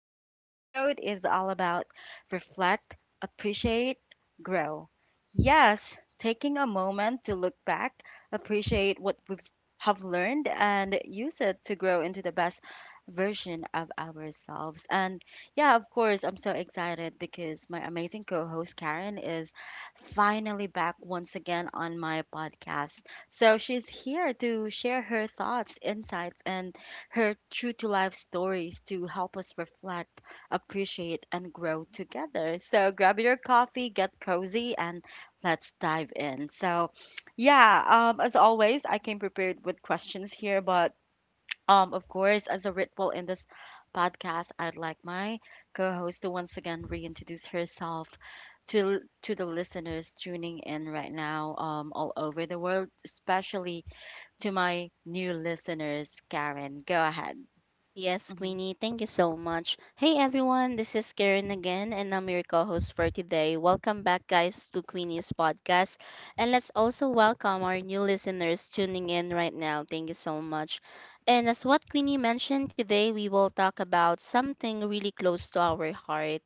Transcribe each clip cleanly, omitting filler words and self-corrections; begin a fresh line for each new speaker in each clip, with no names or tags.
Today's episode is all about reflect, appreciate, grow. Yes, taking a moment to look back, appreciate what we have learned, and use it to grow into the best version of ourselves. And yeah, of course, I'm so excited because my amazing co host Karen is finally back once again on my podcast. So she's here to share her thoughts, insights, and her true to life stories to help us reflect, appreciate, and grow together. So grab your coffee, get cozy, and let's dive in. Yeah, as always, I came prepared with questions here, but of course, as a ritual in this podcast, I'd like my co-host to once again reintroduce herself to the listeners tuning in right now, all over the world, especially to my new listeners. Karen, go ahead.
Yes,
Mhm.
Queenie, thank you so much. Hey everyone, this is Karen again, and I'm your co host for today. Welcome back, guys, to Queenie's podcast. And let's also welcome our new listeners tuning in right now. Thank you so much. And as what Queenie mentioned, today we will talk about something really close to our heart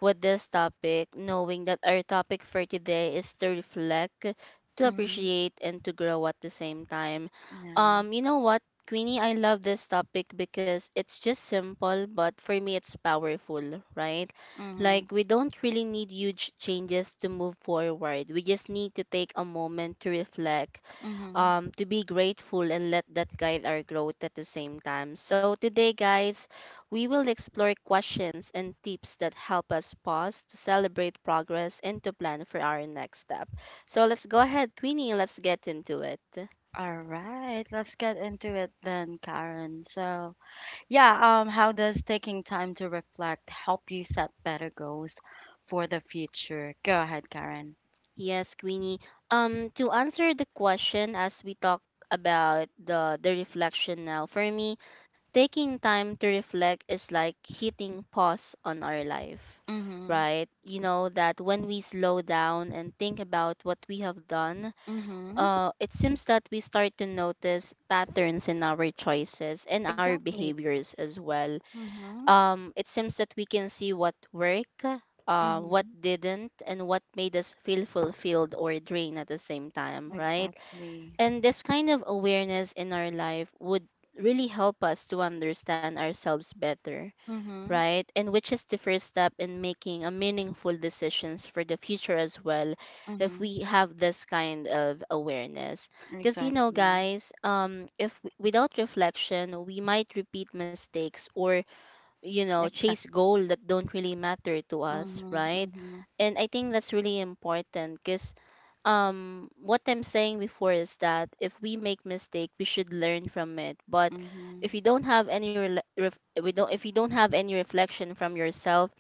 with this topic, knowing that our topic for today is to reflect, to
Mhm.
appreciate, and to grow at the same time.
Yeah.
You know what? Queenie, I love this topic because it's just simple, but for me, it's powerful, right?
Mhm.
Like, we don't really need huge changes to move forward. We just need to take a moment to reflect,
Mhm.
to be grateful, and let that guide our growth at the same time. So, today, guys, we will explore questions and tips that help us pause to celebrate progress and to plan for our next step. So, let's go ahead, Queenie, let's get into it.
All right, let's get into it then, Karen. Yeah, how does taking time to reflect help you set better goals for the future? Go ahead, Karen.
Yes, Queenie. To answer the question as we talk about the reflection now, for me, taking time to reflect is like hitting pause on our life,
Mhm.
right? You know that when we slow down and think about what we have done,
Mhm.
it seems that we start to notice patterns in our choices and our
Exactly.
behaviors as well.
Mhm.
It seems that we can see what worked, what
Mhm.
didn't, and what made us feel fulfilled or drained at the same time, right?
Exactly.
And this kind of awareness in our life would really help us to understand ourselves better,
Mhm.
right? And which is the first step in making a meaningful decisions for the future as well if
Mhm.
we have this kind of awareness. Because you know
Exactly.
guys, if without reflection, we might repeat mistakes or you know chase
Exactly.
goal that don't really matter to us,
Mhm.
right?
Mhm.
And I think that's really important because what I'm saying before is that if we make mistake we should learn from it. But
Mhm.
if you don't have any we don't if you don't have any reflection from yourself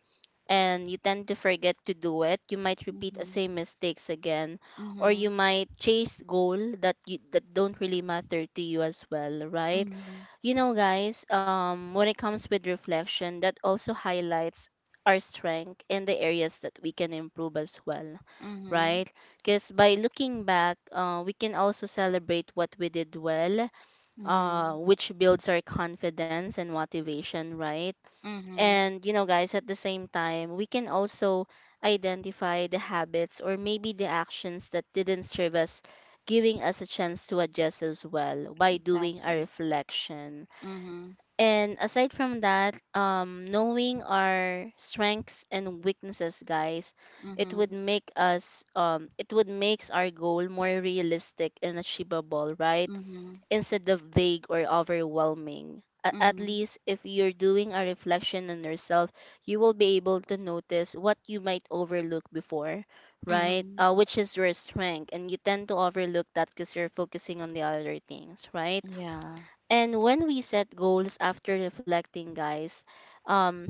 and you tend to forget to do it, you might repeat the same mistakes again, or
Mhm.
you might chase goal that that don't really matter to you as well, right?
Mhm.
You know, guys, when it comes with reflection, that also highlights our strength and the areas that we can improve as well,
Mhm.
right? Because by looking back, we can also celebrate what we did well,
Mhm. Mhm.
which builds our confidence and motivation, right?
Mhm.
And, you know, guys, at the same time, we can also identify the habits or maybe the actions that didn't serve us, giving us a chance to adjust as well by doing a
Exactly.
reflection.
Mhm.
And aside from that, knowing our strengths and weaknesses, guys, it would
Mhm.
make us, it would makes our goal more realistic and achievable, right?
Mhm.
Instead of vague or overwhelming. At
Mhm.
least if you're doing a reflection on yourself, you will be able to notice what you might overlook before, right?
Mhm.
Which is your strength. And you tend to overlook that because you're focusing on the other things, right?
Yeah.
And when we set goals after reflecting, guys, um,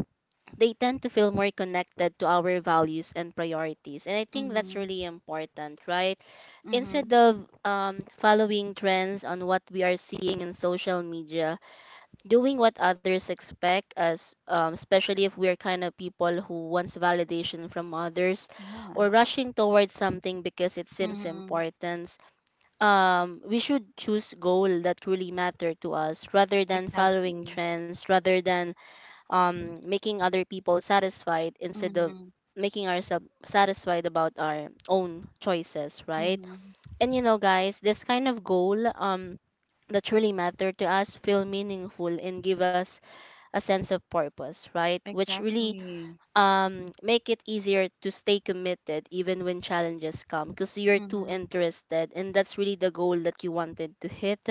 they tend to feel more connected to our values and priorities. And I think that's
Mhm.
really important, right? Instead
Mhm.
of following trends on what we are seeing in social media, doing what others expect us, especially if we're kind of people who wants validation from others, or
Yeah.
rushing towards something because it seems
Mhm.
important. We should choose goal that really matter to us, rather than following
Exactly.
trends, rather than making other people satisfied instead of
Mhm.
making ourselves satisfied about our own choices, right?
Mhm.
And you know, guys, this kind of goal that truly matter to us feel meaningful and give us a sense of purpose, right? Which really
Exactly.
make it easier to stay committed even when challenges come because you're too
Mhm.
interested and that's really the goal that you wanted to hit,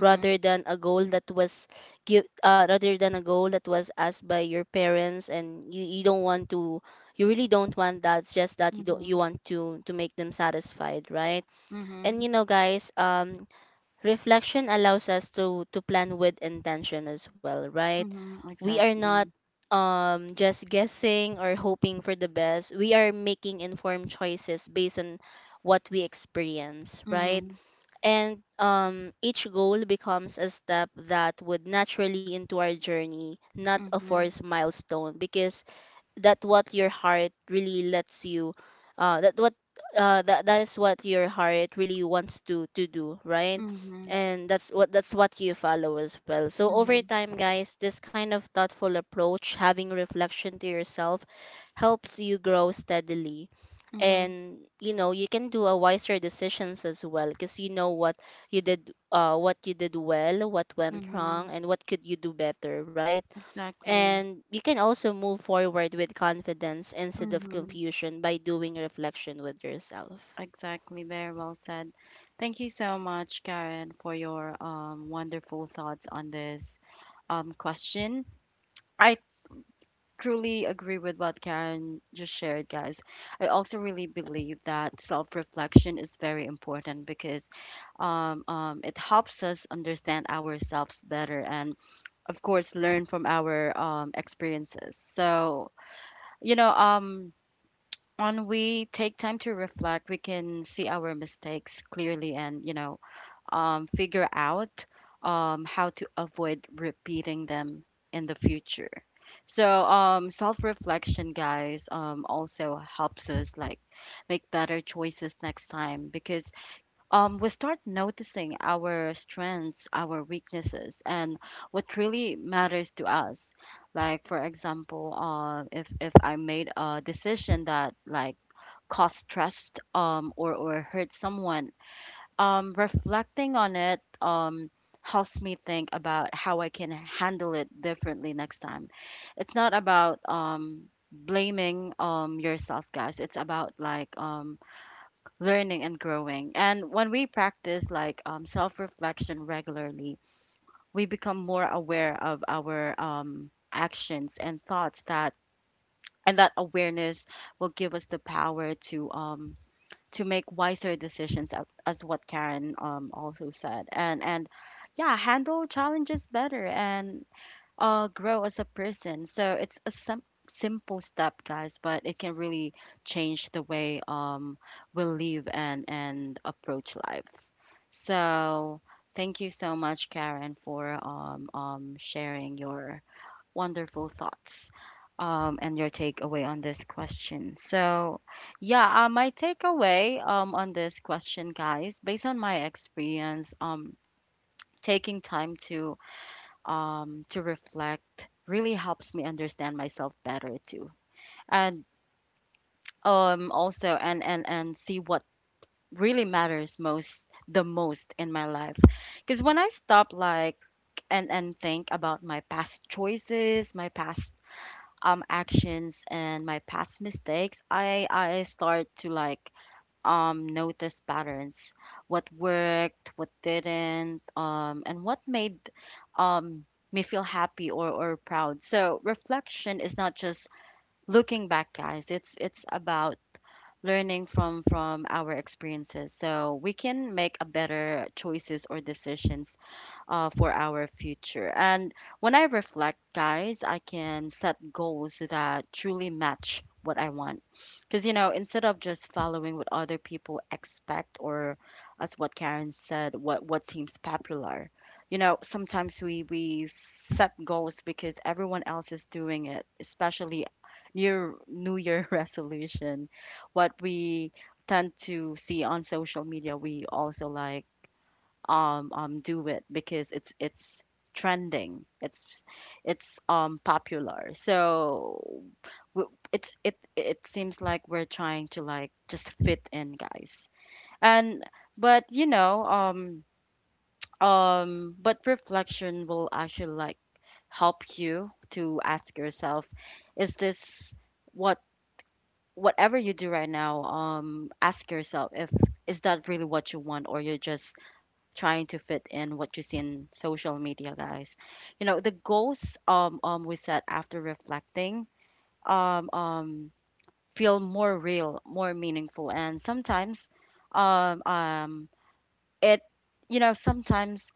rather than a goal that was give rather than a goal that was asked by your parents and you don't want to, you really don't want that, it's just that you don't you
Mhm,
want to make them satisfied, right?
mhm,
And you know guys reflection allows us to plan with intention as well, right?
mhm,
We are not
exactly.
just guessing or hoping for the best, we are making informed choices based on what we experience, right?
Mhm,
And each goal becomes a step that would naturally into our journey, not a
mhm,
forced milestone, because that what your heart really lets you, uh that what that that is what your heart really wants to do, right?
mhm,
And that's what you follow as well. So over
mhm,
time guys this kind of thoughtful approach, having reflection to yourself, helps you grow steadily.
mhm,
And you know you can do a wiser decisions as well because you know what you did, what you did well, what went wrong
mhm,
and what could you do better, right?
exactly.
And you can also move forward with confidence instead of
Mhm,
confusion by doing reflection with yourself.
exactly. Very well said. Thank you so much, Karen, for your wonderful thoughts on this question. I truly agree with what Karen just shared, guys. I also really believe that self-reflection is very important because it helps us understand ourselves better and of course learn from our experiences. You know um when we take time to reflect, we can see our mistakes clearly, and figure out how to avoid repeating them in the future. Self-reflection, guys, also helps us like make better choices next time, because we start noticing our strengths, our weaknesses, and what really matters to us. Like for example, if I made a decision that like caused stress, or hurt someone, reflecting on it helps me think about how I can handle it differently next time. It's not about blaming yourself, guys. It's about like learning and growing. And when we practice like self reflection regularly, we become more aware of our actions and thoughts. That awareness will give us the power to make wiser decisions, as what Karen also said, and yeah, handle challenges better and grow as a person. So it's a simple step, guys, but it can really change the way we live and approach life. So thank you so much, Karen, for sharing your wonderful thoughts. And your takeaway on this question. My takeaway on this question, guys, based on my experience, taking time to reflect really helps me understand myself better too. And also and see what really matters most the most in my life. Because when I stop like and think about my past choices, my past actions and my past mistakes, I start to like notice patterns, what worked, what didn't, and what made um, me feel happy or proud. So reflection is not just looking back, guys. It's about learning from our experiences so we can make a better choices or decisions for our future. And when I reflect, guys, I can set goals that truly match what I want. Because, you know, instead of just following what other people expect, or as what Karen said, what seems popular. You know, sometimes we set goals because everyone else is doing it, especially near New Year resolution. What we tend to see on social media, we also like do it because it's trending. It's popular. So it's it seems like we're trying to like just fit in, guys. And but you know, but reflection will actually like help you to ask yourself, is this what whatever you do right now, ask yourself if is that really what you want, or you're just trying to fit in what you see in social media, guys. You know, the goals we set after reflecting um um feel more real, more meaningful, and sometimes um um it you know sometimes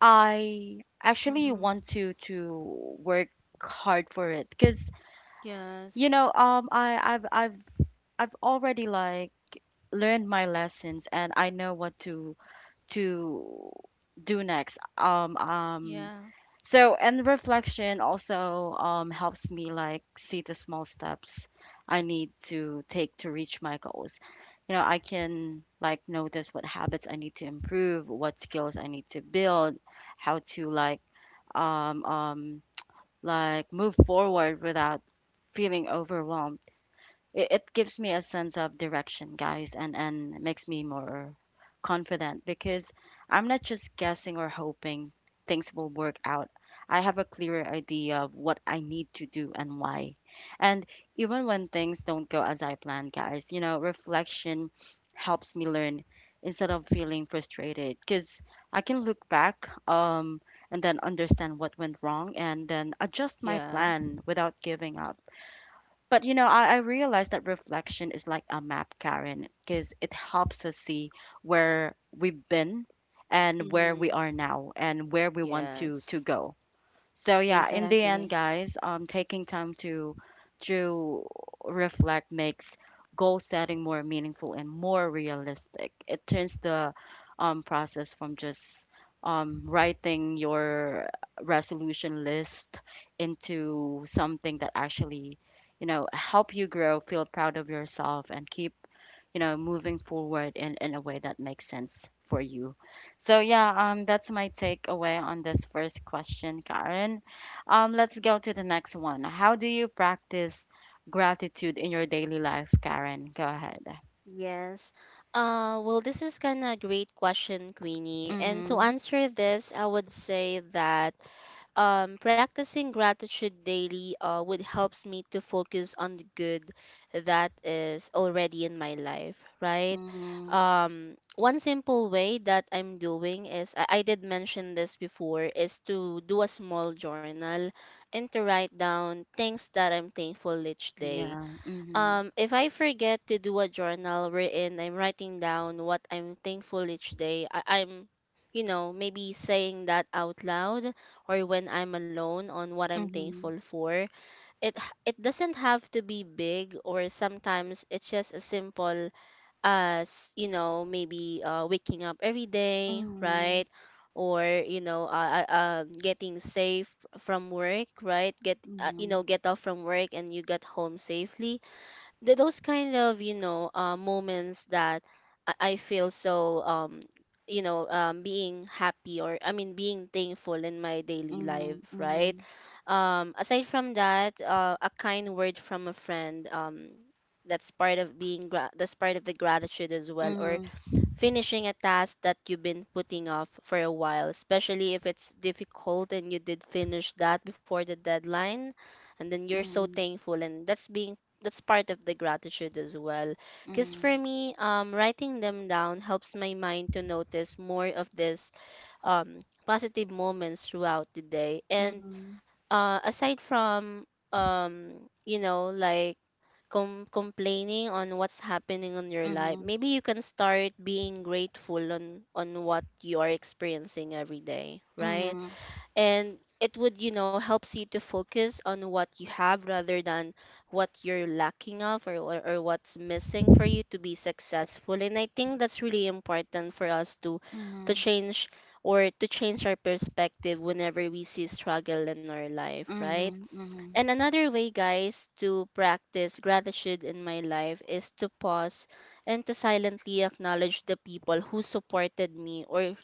I actually
Mm-hmm.
want to work hard for it, because you
Yes.
know I I've already like learned my lessons and I know what to to do next.
Yeah.
So, and reflection also helps me like see the small steps I need to take to reach my goals. You know, I can like notice what habits I need to improve, what skills I need to build, how to um um like move forward without feeling overwhelmed. It gives me a sense of direction, guys, and makes me more confident, because I'm not just guessing or hoping things will work out. I have a clearer idea of what I need to do and why. And even when things don't go as I planned, guys, you know, reflection helps me learn instead of feeling frustrated, because I can look back and then understand what went wrong and then adjust my
Yeah.
plan without giving up. But you know, I realize that reflection is like a map, Karen, because it helps us see where we've been, and where we
Mm-hmm.
are now, and where we want to
Yes.
go. So yeah, in the
Exactly.
end, guys, taking time to to reflect makes goal setting more meaningful and more realistic. It turns the process from just writing your resolution list into something that actually, you know, help you grow, feel proud of yourself, and keep, you know, moving forward in a way that makes sense for you. So yeah, that's my takeaway on this first question, Karen. Let's go to the next one. How do you practice gratitude in your daily life, Karen? Go ahead.
Yes. Well, this is kind of a great question, Queenie. And to
Mhm.
answer this, I would say that practicing gratitude daily would helps me to focus on the good that is already in my life, right?
Mhm.
One simple way that I'm doing is I did mention this before is to do a small journal and to write down things that I'm thankful each day.
Yeah. Mhm.
If I forget to do a journal wherein I'm writing down what I'm thankful each day, I'm, you know, maybe saying that out loud or when I'm alone on what I'm
Mhm.
thankful for. It doesn't have to be big, or sometimes it's just as simple as, you know, maybe waking up every day,
Mhm.
right? Or you know, getting safe from work, right? Get you know, get off from work and you get home safely. Those kind of you know moments that I feel so you know being happy or I mean being thankful in my daily life, right?
Mhm.
Aside from that, a kind word from a friend, that's part of that's part of the gratitude as well. Or
Mhm.
finishing a task that you've been putting off for a while, especially if it's difficult and you did finish that before the deadline, and then you're so
Mhm.
thankful and that's part of the gratitude as well. Because
Mhm.
for me, writing them down helps my mind to notice more of this um, positive moments throughout the day. And aside from um you know like complaining on what's happening on your
Mhm.
life,
Mhm.
maybe you can start being grateful on what you are experiencing every day, right?
Mhm.
And it would you know helps you to focus on what you have rather than what you're lacking of, or, or what's missing for you to be successful. And I think that's really important for us to
Mhm.
change, or to change our perspective whenever we see struggle in our life, right?
Mhm.
And another way guys to practice gratitude in my life is to pause and to silently acknowledge the people who supported me or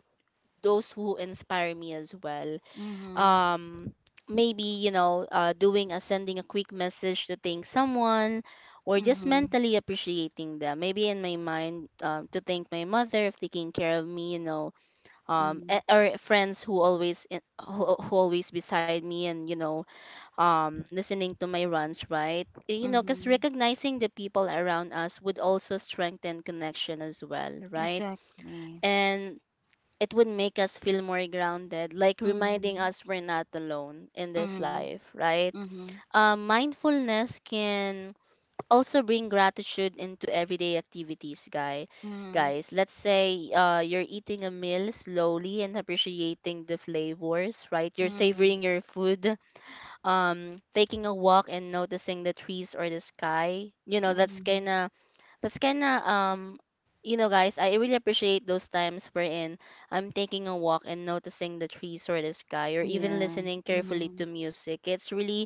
those who inspire me as well.
Mhm. Mhm.
um maybe you know doing a sending a quick message to thank someone or
Mhm. Mhm.
just
Mhm.
mentally appreciating them, maybe in my mind, to thank my mother of taking care of me, you know.
Mhm.
Or friends who always in, who always beside me, and you know listening to my runs, right? You know because
Mhm.
recognizing the people around us would also strengthen connection as well, right?
Exactly.
And it would make us feel more grounded, like reminding
Mhm.
us we're not alone in this
Mhm.
life, right?
Mhm.
Mindfulness can also bring gratitude into everyday activities, guy.
Mhm.
Guys, let's say you're eating a meal slowly and appreciating the flavors, right? You're
Mhm.
savoring your food, taking a walk and noticing the trees or the sky. You know,
Mhm.
that's kind of Guys, I really appreciate those times wherein I'm taking a walk and noticing the trees or the sky, or even
Yeah.
listening carefully
Mhm.
to music. It's really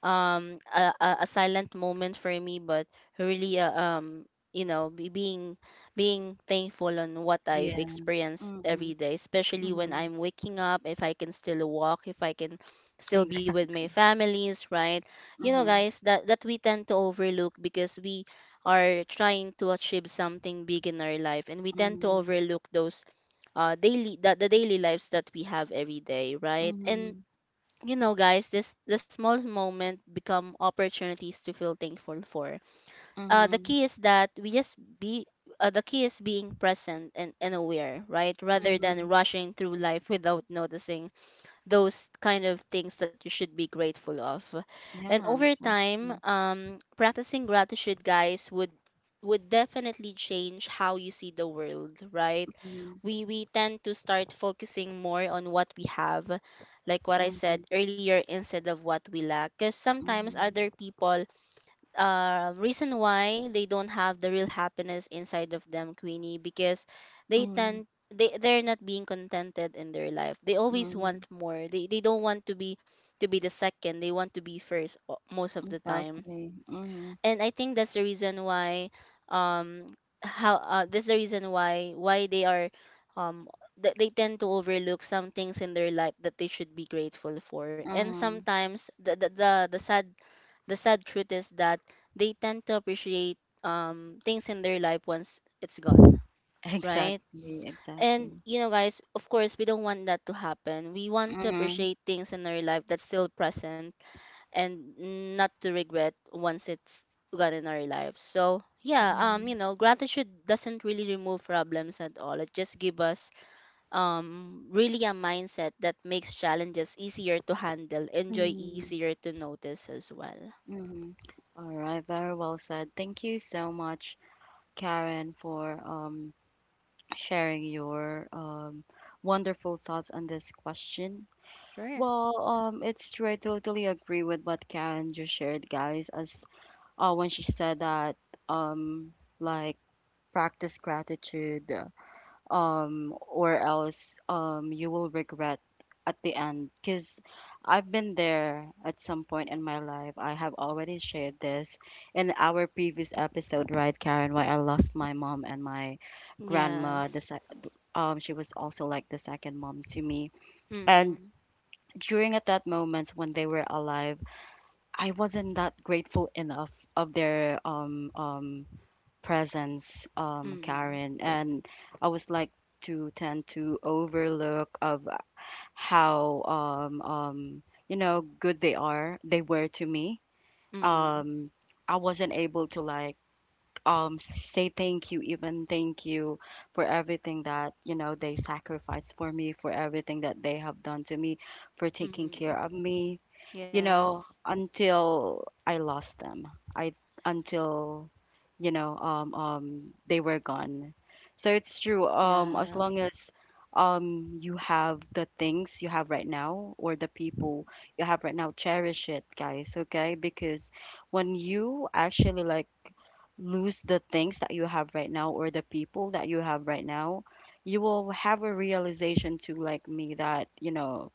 a silent moment for me, but really you know be, being being thankful on what I've
Yeah.
experienced
Mhm.
every day, especially when
Mhm.
I'm waking up, if I can still walk, if I can still be with
Exactly.
my families, right? You know,
Mhm.
guys, that that we tend to overlook because we are trying to achieve something big in our life, and we tend to
Mhm.
overlook those the daily lives that we have every day, right? And
Mhm.
you know, guys, this the small moment become opportunities to feel thankful for. The
Mhm.
key is that we just be The key is being present and, aware, right? Rather than
Mhm.
rushing through life without noticing those kind of things that you should be grateful of. And
Yeah,
over time,
exactly.
practicing gratitude, guys, would definitely change how you see the world, right?
Mhm.
We tend to start focusing more on what we have, like what I said
Mhm.
earlier, instead of what we lack. Because sometimes
Mhm.
other people, reason why they don't have the real happiness inside of them, Queenie, because they
Mhm.
tend they're not being contented in their life. They always
Mhm.
want more. They don't want to be the second. They want to be most of the time.
Exactly. Mhm.
And I think that's the reason why, um how uh, that's the reason why why they are um they tend to overlook some things in their life that they should be grateful for. And
Mhm.
sometimes the sad truth is that they tend to appreciate things in their life once it's gone, right?
Exactly.
And
Exactly.
you know, guys, of course, we don't want that to happen. We want to
Mhm.
appreciate things in our life that's still present and not to regret once it's gone in our lives. So, yeah,
Mhm.
gratitude doesn't really remove problems at all. It just gives us really a mindset that makes challenges easier to handle, enjoy
Mhm.
easier to notice as well.
Mhm. All right, very well said. Thank you so much, Karen, for sharing your wonderful thoughts on this question.
Sure.
Well, it's true. I totally agree with what Karen just shared, guys. As when she said that, um, like practice gratitude, or else you will regret at the end. Because I've been there at some point in my life. I have already shared this in our previous episode, right, Karen? Why I lost my mom and my grandma. The
Yes.
she was also like the second mom to me. And
Mm.
during at that moment when they were alive, I wasn't that grateful enough of their presence,
Mm.
Karen, and I was like to tend to overlook of how you know good they were to me.
Mm.
Um, I wasn't able to like say thank you, even thank you for everything that you know they sacrificed for me, for everything that they have done to me, for taking
Mm.
care of me, you
Yes.
know, until I lost them. I until, you know, they were gone. So it's true. As
Yeah.
long as you have the things you have right now or the people you have right now, cherish it, guys. Okay, because when you actually like lose the things that you have right now or the people that you have right now, you will have a realization too, like me, that you know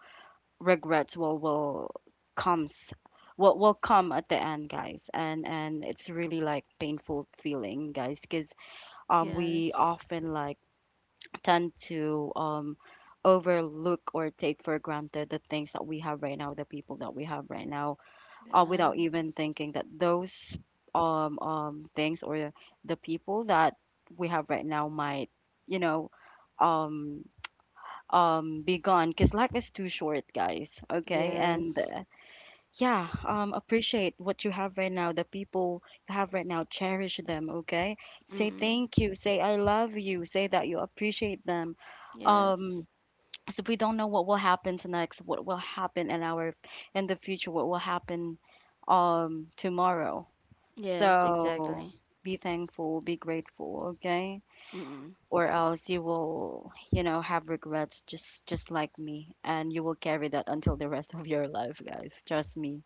regrets will will comes will will come at the end, guys, and it's really like painful feeling, guys, because we
Yes.
often like tend to overlook or take for granted the things that we have right now, the people that we have right now, without
Yeah.
even thinking that those things or the people that we have right now might, you know, um be gone, because life is too short, guys, okay?
Yes.
and Yeah, appreciate what you have right now, the people you have right now. Cherish them, okay? Say
Mm.
thank you. Say I love you. Say that you appreciate them. Um,
Yes.
so we don't know what will happen next, what will happen in our in the future, what will happen tomorrow.
Yes,
So
exactly.
be thankful, be grateful, okay?
Mm.
Or else you will, have regrets just like me, and you will carry that until the rest of your life, guys. Trust me.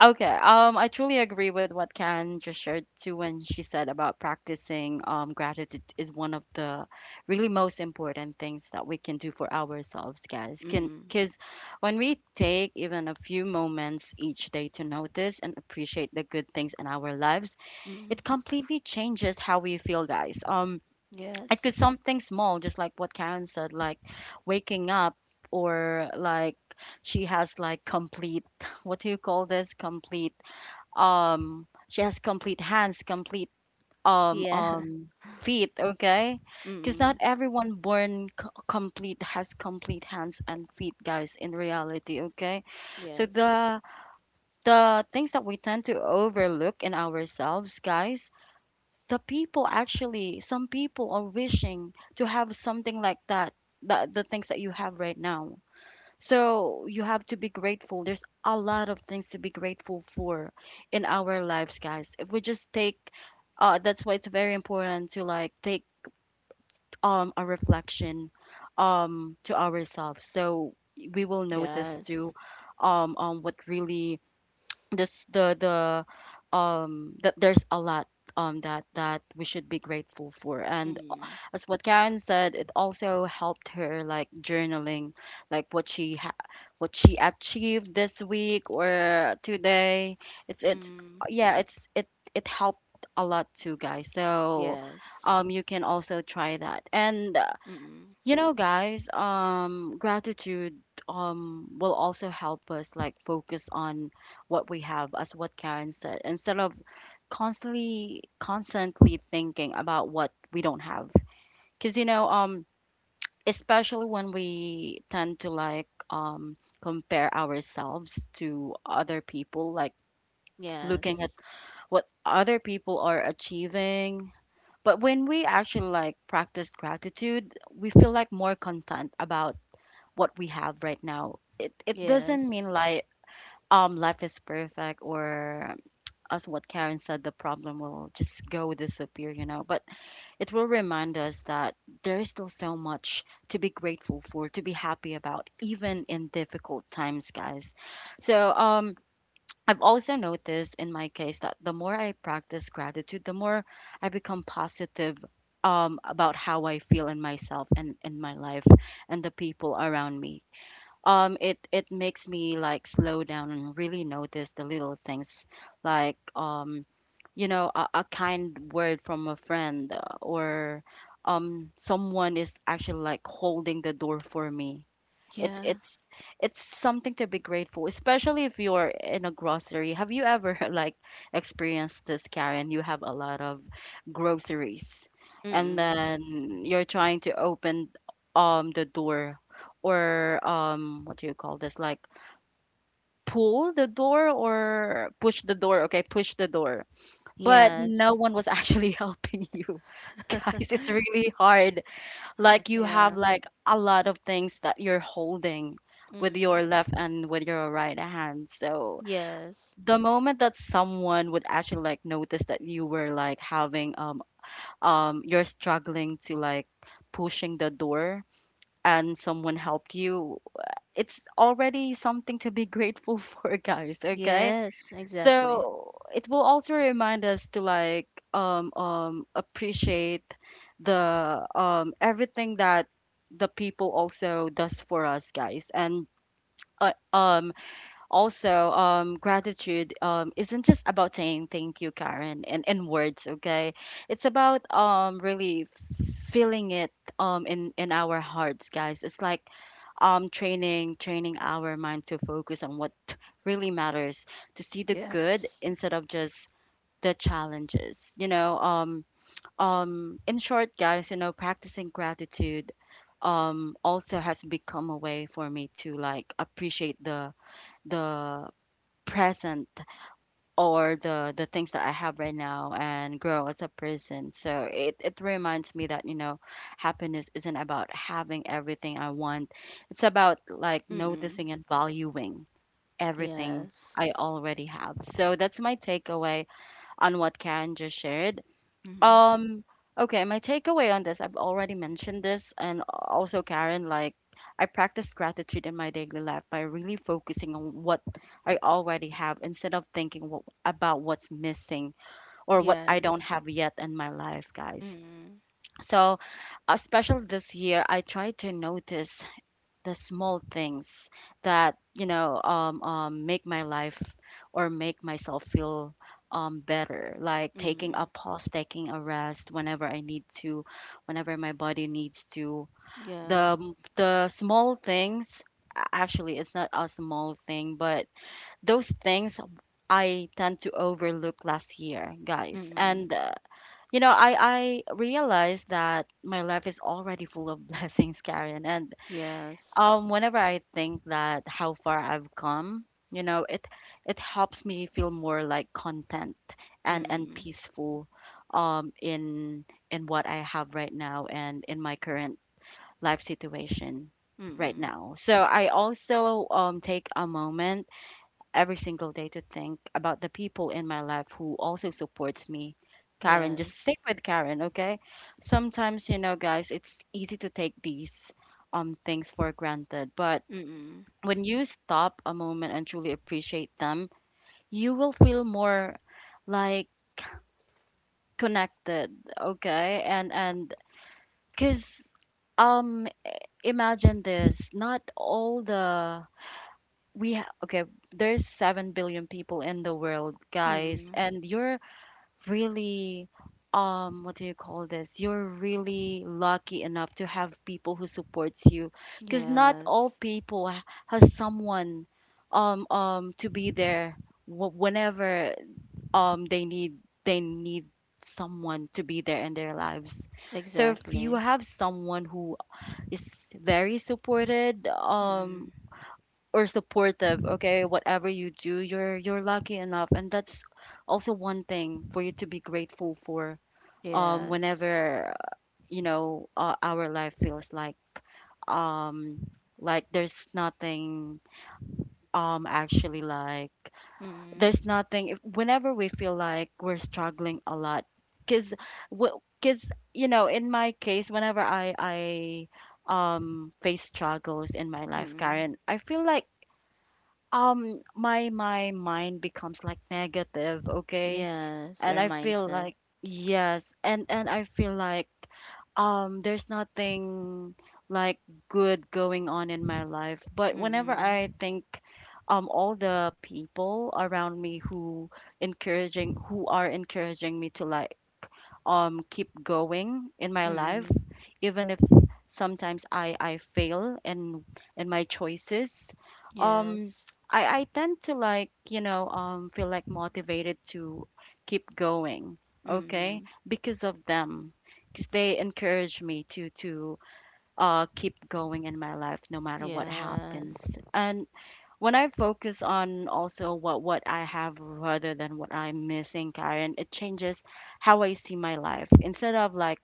Okay, I truly agree with what Karen just shared too when she said about practicing gratitude is one of the really most important things that we can do for ourselves, guys. Can
Mm.
because when we take even a few moments each day to notice and appreciate the good things in our lives,
Mm.
it completely changes how we feel, guys. It could
Yes.
something small, just like what Karen said, like waking up or like she has like complete what do you call this complete she has complete hands complete um
Yeah.
um feet, okay? Because not
Mm.
everyone born complete has complete hands and feet guys in reality, okay, so
Yes.
the things that we tend to overlook in ourselves guys, the people actually some people are wishing to have something like that, the things that you have right now, so you have to be grateful. There's a lot of things to be grateful for in our lives, guys. If we just take, that's why it's very important to like take a reflection, to ourselves. So we will notice too,
Yes.
what really this the that there's a lot that we should be grateful for, and
Mm.
as what Karen said it also helped her like journaling, like what what she achieved this week or today, it's
Mm.
yeah, it helped a lot too, guys. So
Yes.
you can also try that. And
Mm.
you know, guys, gratitude will also help us like focus on what we have, as what Karen said, instead of constantly thinking about what we don't have. Because you know, especially when we tend to like compare ourselves to other people, like looking at
Yes.
what other people are achieving. But when we actually like practice gratitude, we feel like more content about what we have right now. It doesn't
Yes.
mean like life is perfect or, as what Karen said, the problem will just go disappear, you know. But it will remind us that there is still so much to be grateful for, to be happy about, even in difficult times, guys. So I've also noticed in my case that the more I practice gratitude, the more I become positive, about how I feel in myself and in my life and the people around me. It makes me like slow down and really notice the little things, like you know, a kind word from a friend, or someone is actually like holding the door for me. it's
Yeah.
it's it's something to be grateful, especially if you're in a grocery. Have you ever like experienced this, Karen? You have a lot of groceries, and
Mm.
then you're trying to open the door, or what do you call this? Like pull the door or push the door. Okay, push the door, but no
Yes.
one was actually helping you, guys. It's really hard, like you have
Yeah.
like a lot of things that you're holding with your
Mm.
left and with your right hand. So
Yes.
the moment that someone would actually like notice that you were like having you're struggling to like pushing the door and someone helped you, it's already something to be grateful for, guys, okay?
Yes, exactly.
So it will also remind us to like appreciate the everything that the people also does for us, guys. And uh, um also gratitude isn't just about saying thank you, Karen, in words, okay? It's about really feeling it in our hearts, guys. It's like training our mind to focus on what really matters, to see the good
Yes.
instead of just the challenges. You know, in short, guys, you know, practicing gratitude also has become a way for me to like appreciate the present or the things that I have right now and grow as a person. So it reminds me that you know, happiness isn't about having everything I want. It's about like noticing
Mm-mm.
and valuing everything I
Yes.
already have. So that's my takeaway on what Karen just shared.
Mm-hmm.
Um, okay, my takeaway on this, I've already mentioned this, and also Karen, like I practice gratitude in my daily life by really focusing on what I already have instead of thinking about what's missing or what I don't have
Yes.
yet in my life, guys.
Mm-mm.
So, especially this year, I tried to notice the small things that you know, make my life or make myself feel, better, like taking a
Mm-mm.
pause, taking a rest whenever I need to, whenever my body needs to.
Yeah.
The the small things, actually it's not a small thing, but those things I tend to overlook last year, guys. And
Mm-mm.
you know, I realized that my life is already full of blessings, Karen. And
Yes.
whenever I think that how far I've come, you know, it helps me feel more like content and
Mm-mm.
peaceful um in in what I have right now and in my current life situation right
Mm-mm.
now. So I also take a moment every single day to think about the people in my life who also supports me. Karen, just stick
Yes.
with Karen, okay? Sometimes, you know, guys, it's easy to take these things for granted, but
Mm-mm.
when you stop a moment and truly appreciate them, you will feel more like connected, okay? And cuz um imagine this, not all the okay, there's 7 billion people in the world, guys,
Mm-mm.
and you're really what do you call this, you're really lucky enough to have people who supports you, because not all
Yes.
people has someone to be there whenever um they need they need someone to be there in their lives. So if you
Exactly.
have someone who is very supported
Mm-mm.
or supportive, okay, whatever you do, you're lucky enough, and that's also one thing for you to be grateful for.
Yes.
Whenever you know, our life feels um like there's nothing actually like
Mm-mm.
there's nothing if, whenever we feel like we're struggling a lot, cuz you know, in my case whenever I face struggles in my life,
Mm-mm.
Karen, I feel like my mind becomes like negative, okay?
Yes.
And
Our
I feel
mindset.
like yes, and I feel like there's nothing like good going on in my life. But whenever I
Mm-mm.
think all the people around me who encouraging who are encouraging me to like keep going in my life,
Mm-mm.
even if sometimes I fail in my choices. Um,
Yes.
I tend to like, you know, feel like motivated to keep going. Okay,
Mm-mm.
because of them, because they encourage me to keep going in my life, no matter what
Yes.
happens. And when I focus on also what I have rather than what I'm missing, Karen, it changes how I see my life. Instead of like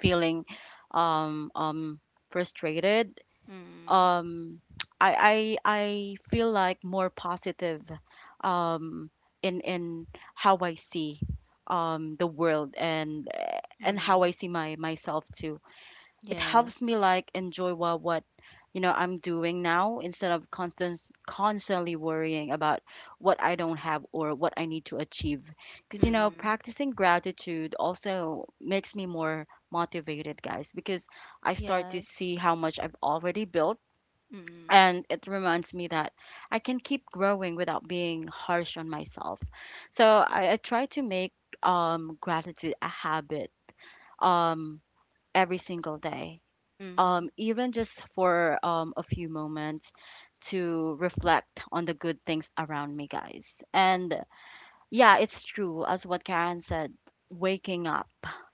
feeling um um frustrated,
Mm-mm.
um I feel like more positive um in how I see the world and how I
Mm,
see my myself too. It helps me
yes.
like enjoy what you know I'm doing now instead of constantly worrying about what I don't have or what I need to achieve. Because you know,
Mm,
practicing gratitude also makes me more motivated, guys, because I start to see
yes.
how much I've already built,
Mm,
and it reminds me that I can keep growing without being harsh on myself. So I try to make gratitude a habit um every single day,
mm,
even just for a few moments to reflect on the good things around me, guys. And yeah, it's true, as what Karen said, waking up.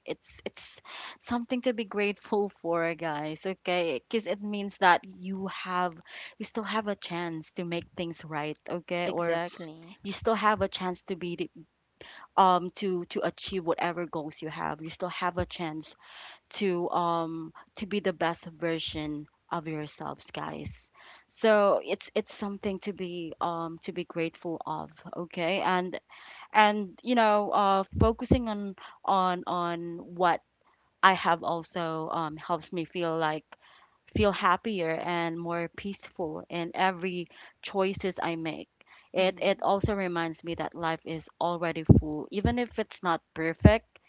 It's something to be grateful for, guys. Okay, because it means that you have, you still have a chance to make things right. Okay, or
exactly.
you still have a chance to to achieve whatever goals you have. You still have a chance to be the best version of yourselves, guys, so it's something to be grateful of. Okay, and you know, focusing on on what I have also helps me feel like feel happier and more peaceful in every choices I make. It
Mm,
also reminds me that life is already full even if it's not perfect.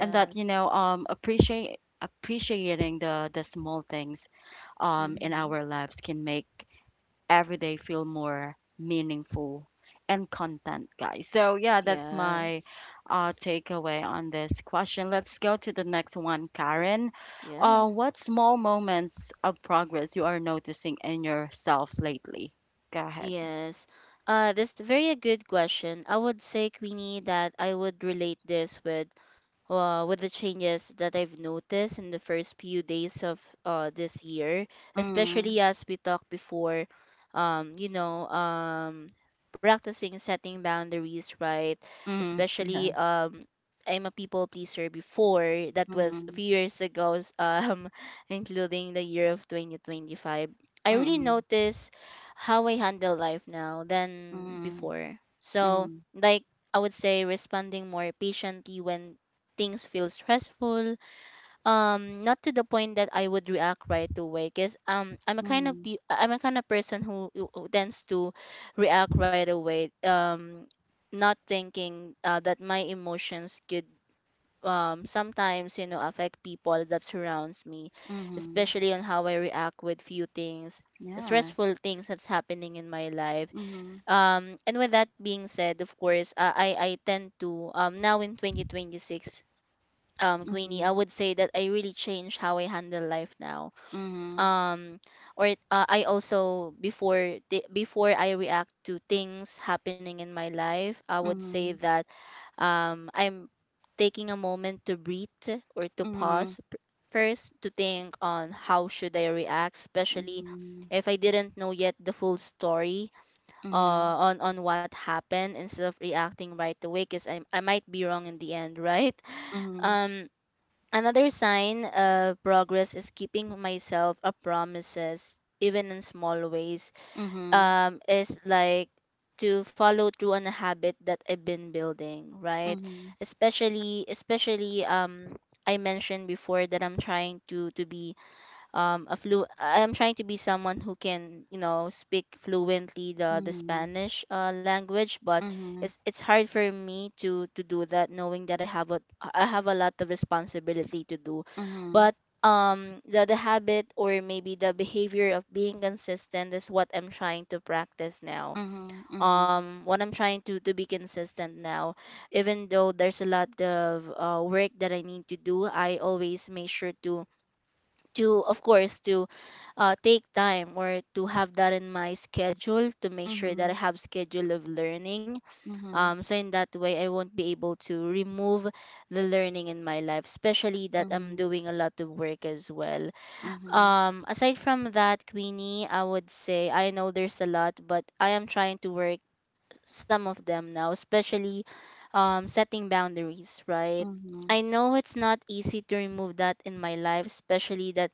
And that, you know, appreciate appreciating the small things in
Mm,
our lives can make every day feel more meaningful and content, guys. So yeah, that's my
yes.
takeaway on this question. Let's go to the next one, Karen.
Yeah.
What small moments of progress you are noticing in yourself lately? Go ahead.
Yes. That's very a good question. I would say, Queenie, that I would relate this with, with the changes that I've noticed in the first few days of, this year,
Mm,
especially as we talked before, um, you know, um, practicing setting boundaries, right?
mm, yeah.
Especially, I'm a people pleaser before, that was a
Mm,
few years ago, including the year of 2025. I
mm,
really
mm,
notice how I handle life now than
mm,
before. So,
mm,
like, I would say responding more patiently when things feel stressful, not to the point that I would react right away, because
mm,
I'm a kind of person who tends to react right away, not thinking, that my emotions could, sometimes, you know, affect people that surrounds me,
mm,
especially on how I react with few things
yeah.
stressful things that's happening in my life.
Mhm,
And with that being said, of course, I tend to, now in 2026, Queenie, I
mhm,
would say that I really changed how I handle life now.
mhm,
Um, or I also, before the before I react to things happening in my life, I would say
mhm,
that, I'm taking a moment to breathe, or to
mhm,
first to think on how should I react, especially
mhm,
if I didn't know yet the full story,
mhm,
on what happened, instead of reacting right away, because I might be wrong in the end, right?
mhm,
Um Another sign of progress is keeping myself a promises, even in small ways.
mhm,
Is like to follow through on a habit that I've been building, right?
mhm,
Especially, I mentioned before that I'm trying to be, am trying to be someone who can, you know, speak fluently the
mhm,
Spanish, language, but
mhm,
it's hard for me to do that, knowing that I have a lot of responsibility to do.
mhm,
But the habit or maybe the behavior of being consistent is what I'm trying to practice now,
mhm, mhm,
what I'm trying to be consistent now. Even though there's a lot of, work that I need to do, I always make sure to, of course, to, take time or to have that in my schedule to make sure that I
mhm,
have schedule of learning.
mhm, mhm,
So in that way, I won't be able to remove the learning in my life, especially that I'm doing a lot of work as well.
mhm,
Aside from that, Queenie, I would say, I know there's a lot, but I am trying to work some of them now, especially, setting boundaries, right?
mhm,
I know it's not easy to remove that in my life, especially that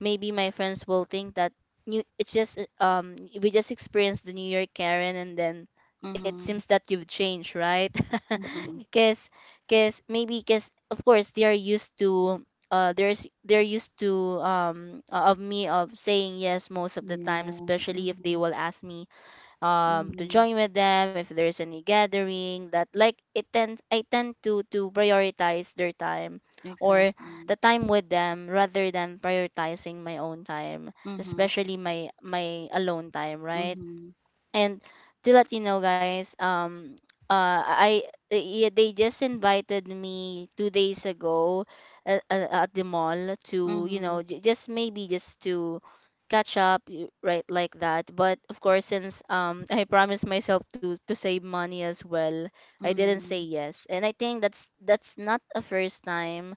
maybe my friends will think that, new it's just we just experienced the new year, Karen, and then it
mhm,
seems that you've changed, right?
mhm.
because because maybe, because of course they are used to, there's they're used to, of me, of saying yes most of the time,
Yeah.
especially if they
Mhm.
will ask me, to
Mhm.
join with them if there's any gathering, that like it tend I tend to prioritize their time, or
Exactly.
the time with them, rather than prioritizing my own time,
Mhm.
especially my alone time, right?
Mhm.
And to let you know, guys, I yeah, they just invited me 2 days ago at the mall to, you know,
Mhm.
just, maybe, just to catch up, right, like that. But of course, since, I promised myself to save money as well, I didn't say
Mhm.
yes. And I think that's not a first time,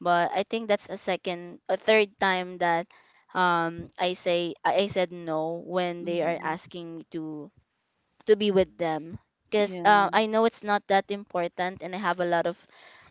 but I think that's a second, a third time that, I say I said no when they are
Mhm.
asking me to be with them, because,
Yeah.
I know it's not that important and I have a lot of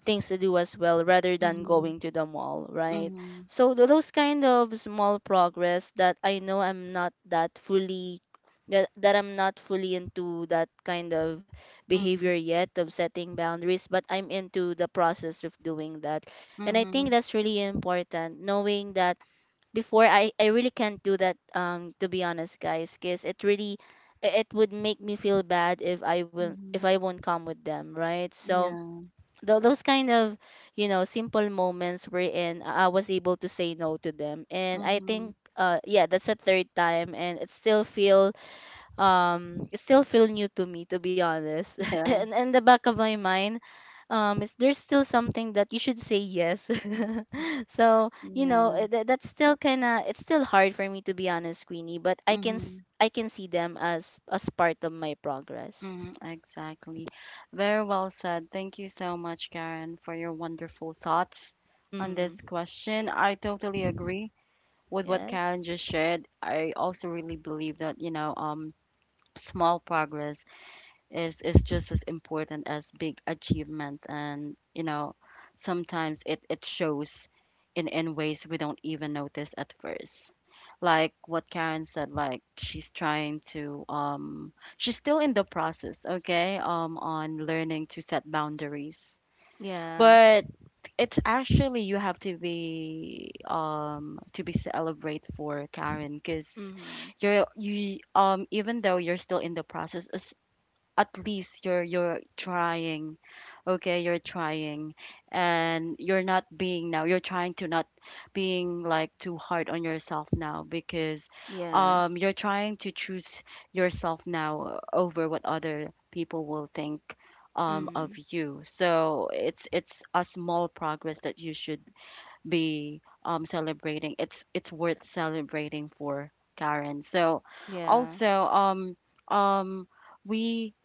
things to do as well, rather than
Mhm.
going to the mall, right?
Mhm.
So those kind of small progress, that I know I'm not that fully, that, that I'm not fully into that kind of behavior
Mhm.
yet of setting boundaries, but I'm into the process of doing that. And I think
Mhm.
that's really important, knowing that before, I really can't do that, to be honest, guys, because it really, it would make me feel bad if I will, if I
Mhm.
won't come with them, right? So
Yeah.
those kind of, you know, simple moments wherein I was able to say no to them. And I
Mhm.
think, yeah, that's a third time, and it still feel new to me, to be honest.
Yeah,
And in the back of my mind, is there's still something that you should say yes. So, you know,
yeah.
that's still kind of it's still hard for me, to be honest, Queenie. But
Mm-hmm.
I can see them as part of my progress.
Mm-hmm, exactly. Very well said. Thank you so much, Karen, for your wonderful thoughts on
Mm.
this question. I totally agree with what Karen
Yes.
just shared. I also really believe that, you know, small progress is just as important as big achievements. And you know, sometimes it shows in ways we don't even notice at first, like what Karen said, like she's trying to she's still in the process. Okay, on learning to set boundaries.
Yeah.
But it's actually, you have to be celebrate for Karen, because
Mm.
you even though you're still in the process, as at least you're trying. Okay, you're trying. And you're not being now, you're trying to not being like too hard on yourself now, because
Yes.
you're trying to choose yourself now over what other people will think of
Mm.
you. So it's a small progress that you should be celebrating. It's worth celebrating for Karen. So
Yeah.
also um we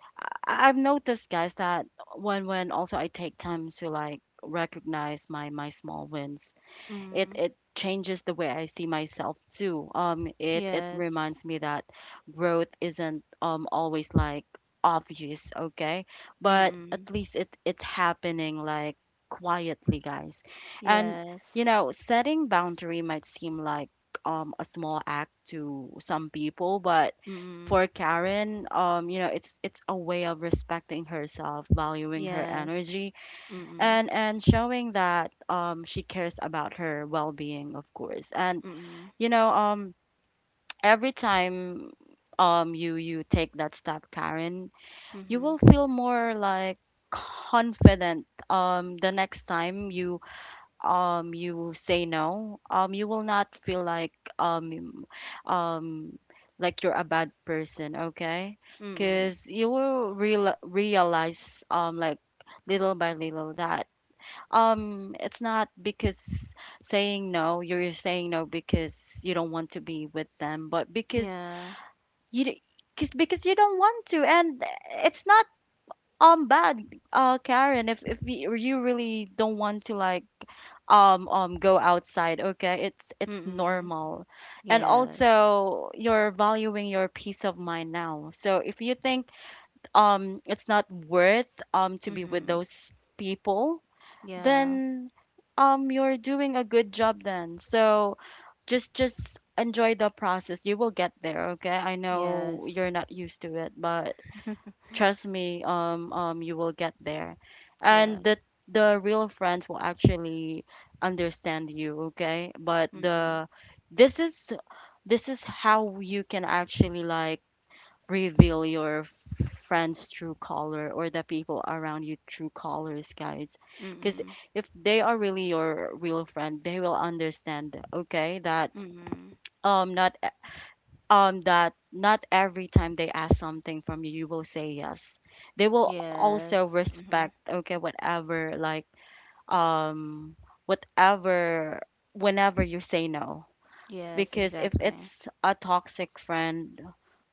I've noticed, guys, that when also I take time to like recognize my small wins, it
Mm.
it changes the way I see myself too. It
Yes.
reminds me that growth isn't always like obvious, okay? But at
Mm.
least it's happening like quietly, guys. And
Yes.
you know, setting boundary might seem like a small act to some people, but
Mm.
for Karen, you know, it's a way of respecting herself, valuing her
Yes.
energy,
Mm.
and showing that she cares about her well-being, of course. And
Mm.
you know um every time you take that step, Karen, you
Mm.
will feel more like confident the next time you you say no. Um, you will not feel um um like you're a bad person. Okay,
Mm.
because you will realize, um, like little by little that, it's not because saying no, you're saying no because you don't want to be with them, but because
Yeah.
you d- cause, because you don't want to. And it's not bad, Karen. If you you really don't want to like go outside, okay, it's
Mm.
normal. And
Yes.
also you're valuing your peace of mind now. So if you think it's not worth to be with
Mm.
those people,
Yeah.
then you're doing a good job then. So just enjoy the process. You will get there, okay? I know you're
Yes.
not used to it, but trust me, you will get there.
Yeah.
And the real friends will actually understand you, okay? But
Mm.
the this is this is how you can actually like reveal your friend's true color or the people around you true colors, guys. Because
Mm.
if they are really your real friend, they will understand, okay, that
Mm.
not e- that not every time they ask something from you, you will say yes. They will also
Yes. Mm-hmm.
respect, okay, whatever like um whatever whenever you say no.
Yes.
Because if
Exactly.
it's a toxic friend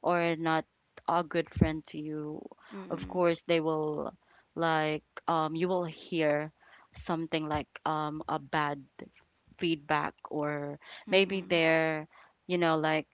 or not a good friend to you, of
Mm.
course they will like you will hear something like a bad feedback or maybe
Mm.
they're, you know, like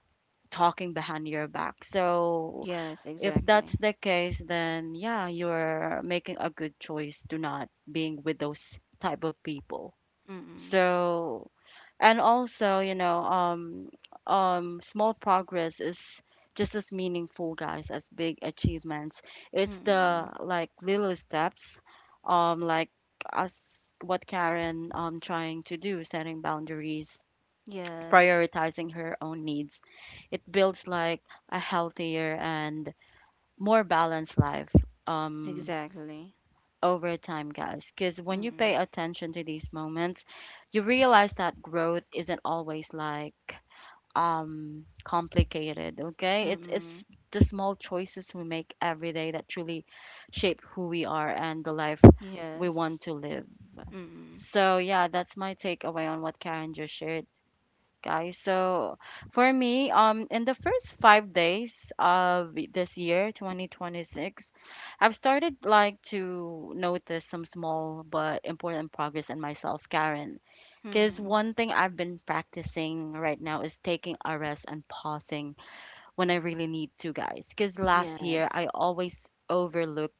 talking behind your back. So
Yes.
if that's
Exactly.
the case, then yeah, you're making a good choice to not being with those type of people.
Mm.
So and also you know, small progress is just as meaningful, guys, as big achievements. It's
Mm.
the like little steps, like us, what Karen trying to do: setting boundaries,
Yes.
prioritizing her own needs. It builds like a healthier and more balanced life um
Exactly.
over time, guys. Because when you pay
Mm.
attention to these moments, you realize that growth isn't always like complicated. Okay, it's
Mm.
the small choices we make every day that truly shape who we are and the life we want
Yes.
to live.
Mm.
So yeah, that's my takeaway on what Karen just shared, guys. So for me, in the first 5 days of this year 2026, I've started like to notice some small but important progress in myself, Karen. Because
Mm.
one thing I've been practicing right now is taking a rest and pausing when I really need to, guys. Because last
Yes.
year I always overlook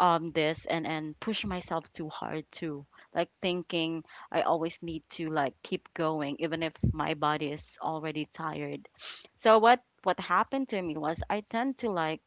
this and push myself too hard too. Like thinking I always need to like keep going even if my body is already tired. So what happened to me was I tend to like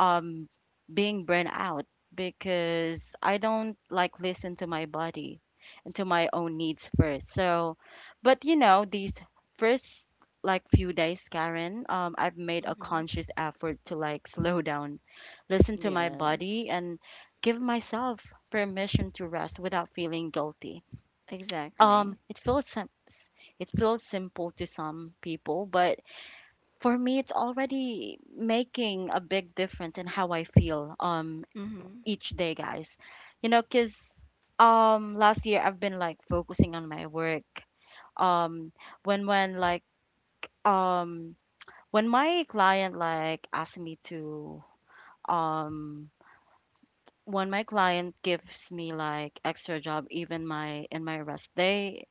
um being burned out, because I don't like listen to my body and to my own needs first. So, but you know, these first like few days, Karen, I've made a
Mm.
conscious effort to like slow down, listen to my
Yes.
body, and give myself permission to rest without feeling guilty. Um,
Exactly.
it feels sim- s- it feels simple to some people, but for me, it's already making a big difference in how I feel
Mm.
each day, guys. You know, cause last year I've been like focusing on my work. Um when when like um when my client like asked me to um when my client gives me like extra job even my in my rest day,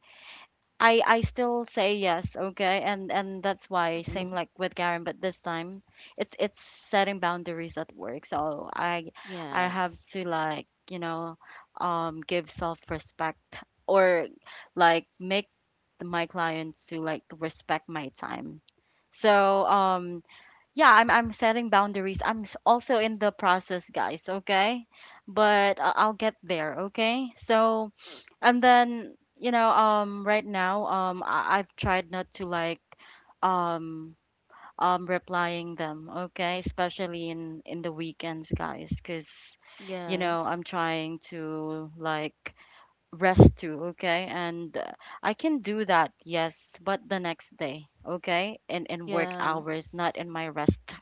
I still say yes, okay? And that's why, same
Mm.
like with Karen, but this time it's setting boundaries at work. So I have
Yes.
to like, you know, give self-respect or like make my client to like respect my time. So yeah, I'm setting boundaries. Also in the process, guys, okay? But I'll get there, okay? So and then, you know, right now, I- I've tried not to like, um, replying them, okay, especially in the weekends, guys, because, you know,
Yes.
I'm trying to like rest too, okay, and I can do that, yes, but the next day, okay, in work
Yeah.
hours, not in my rest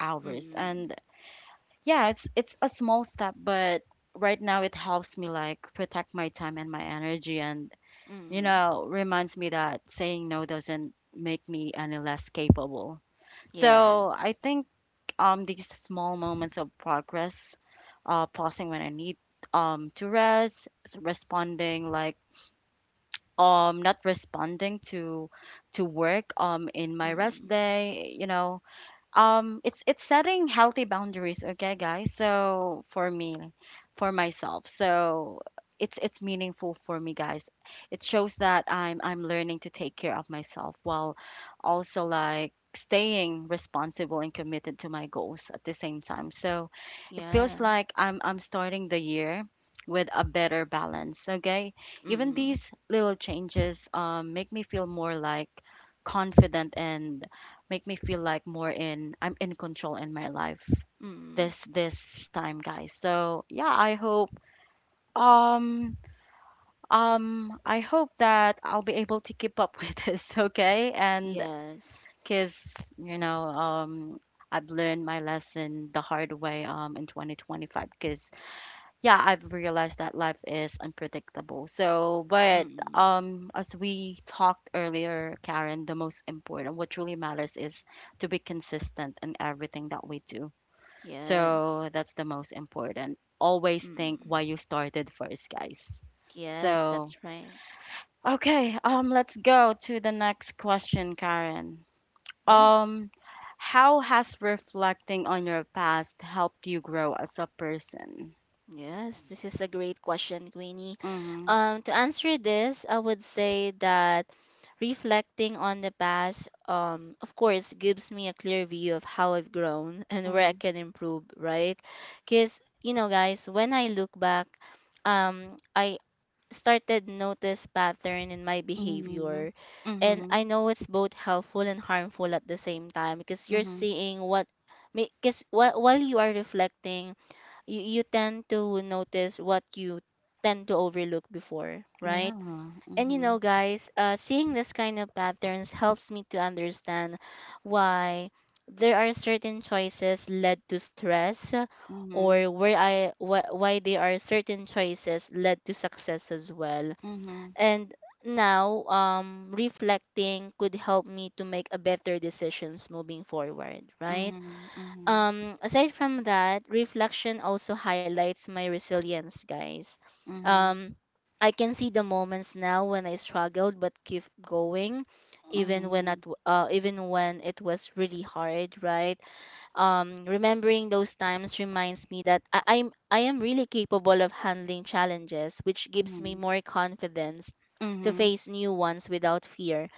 hours,
Mm.
and yeah, it's a small step, but right now it helps me like protect my time and my energy. And you
Mm.
know, reminds me that saying no doesn't make me any less capable. So
Yes.
I think these small moments of progress, pausing when I need to rest, responding like not responding to work in my rest
Mm.
day, you know, it's setting healthy boundaries, okay, guys. So for me, for myself, so it's meaningful for me, guys. It shows that I'm learning to take care of myself while also like staying responsible and committed to my goals at the same time. So it feels
Yeah.
like I'm starting the year with a better balance, okay? Even
Mm.
these little changes, make me feel more like confident and make me feel like more in, I'm in control in my life
Mm.
this this time, guys. So yeah, um I hope that I'll be able to keep up with this, okay? And
Yes.
cuz you know, I've learned my lesson the hard way in 2025, cuz yeah, I've realized that life is unpredictable. So, but
Mm.
as we talked earlier, Karen, the most important, what truly matters is to be consistent in everything that we do.
Yes.
So that's the most important. Always think
Mm.
why you started first, guys.
Yes,
So,
that's right.
okay, let's go to the next question, Karen.
Yeah.
Um, how has reflecting on your past helped you grow as a person?
Yes, this is a great question, Queenie.
Mm-hmm.
To answer this, I would say that reflecting on the past, of course, gives me a clear view of how I've grown and where I
Mm-hmm.
can improve, right? Because, you know, guys, when I look back, I started notice pattern in my
Mhm.
behavior, and I
Mhm.
know it's both helpful and harmful at the same time, because you're
Mhm.
seeing what because while you are reflecting, you tend to notice what you tend to overlook before, right?
Yeah.
And you know,
Mhm.
guys, seeing this kind of patterns helps me to understand why there are certain choices led to stress,
Mhm.
or why there are certain choices led to success as well.
Mhm.
And now, reflecting could help me to make a better decisions moving forward, right?
Mhm.
Aside from that, reflection also highlights my resilience, guys.
Mhm.
Um, I can see the moments now when I struggled but keep going, even when
Mhm.
at, even when it was really hard, right? Remembering those times reminds me that, I am really capable of handling challenges, which gives me
Mhm.
more confidence to
Mhm.
face new ones without fear.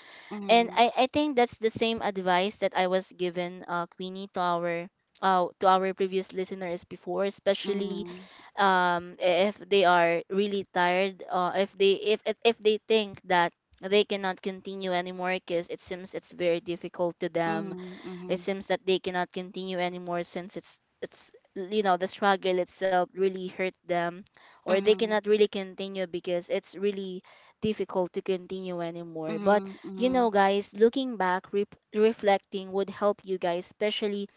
And
Mhm.
I think that's the same advice that I was given, Queenie, to our to our previous listeners before, especially if they are really tired, if they if they think that they cannot continue anymore because it seems it's very difficult to them, it
Mhm.
seems that they cannot continue anymore since it's, you know, the struggle itself really hurt them, or
Mhm.
they
Mhm.
cannot really continue because it's really difficult to continue anymore. But you know, guys, looking back, re reflecting would help you guys, especially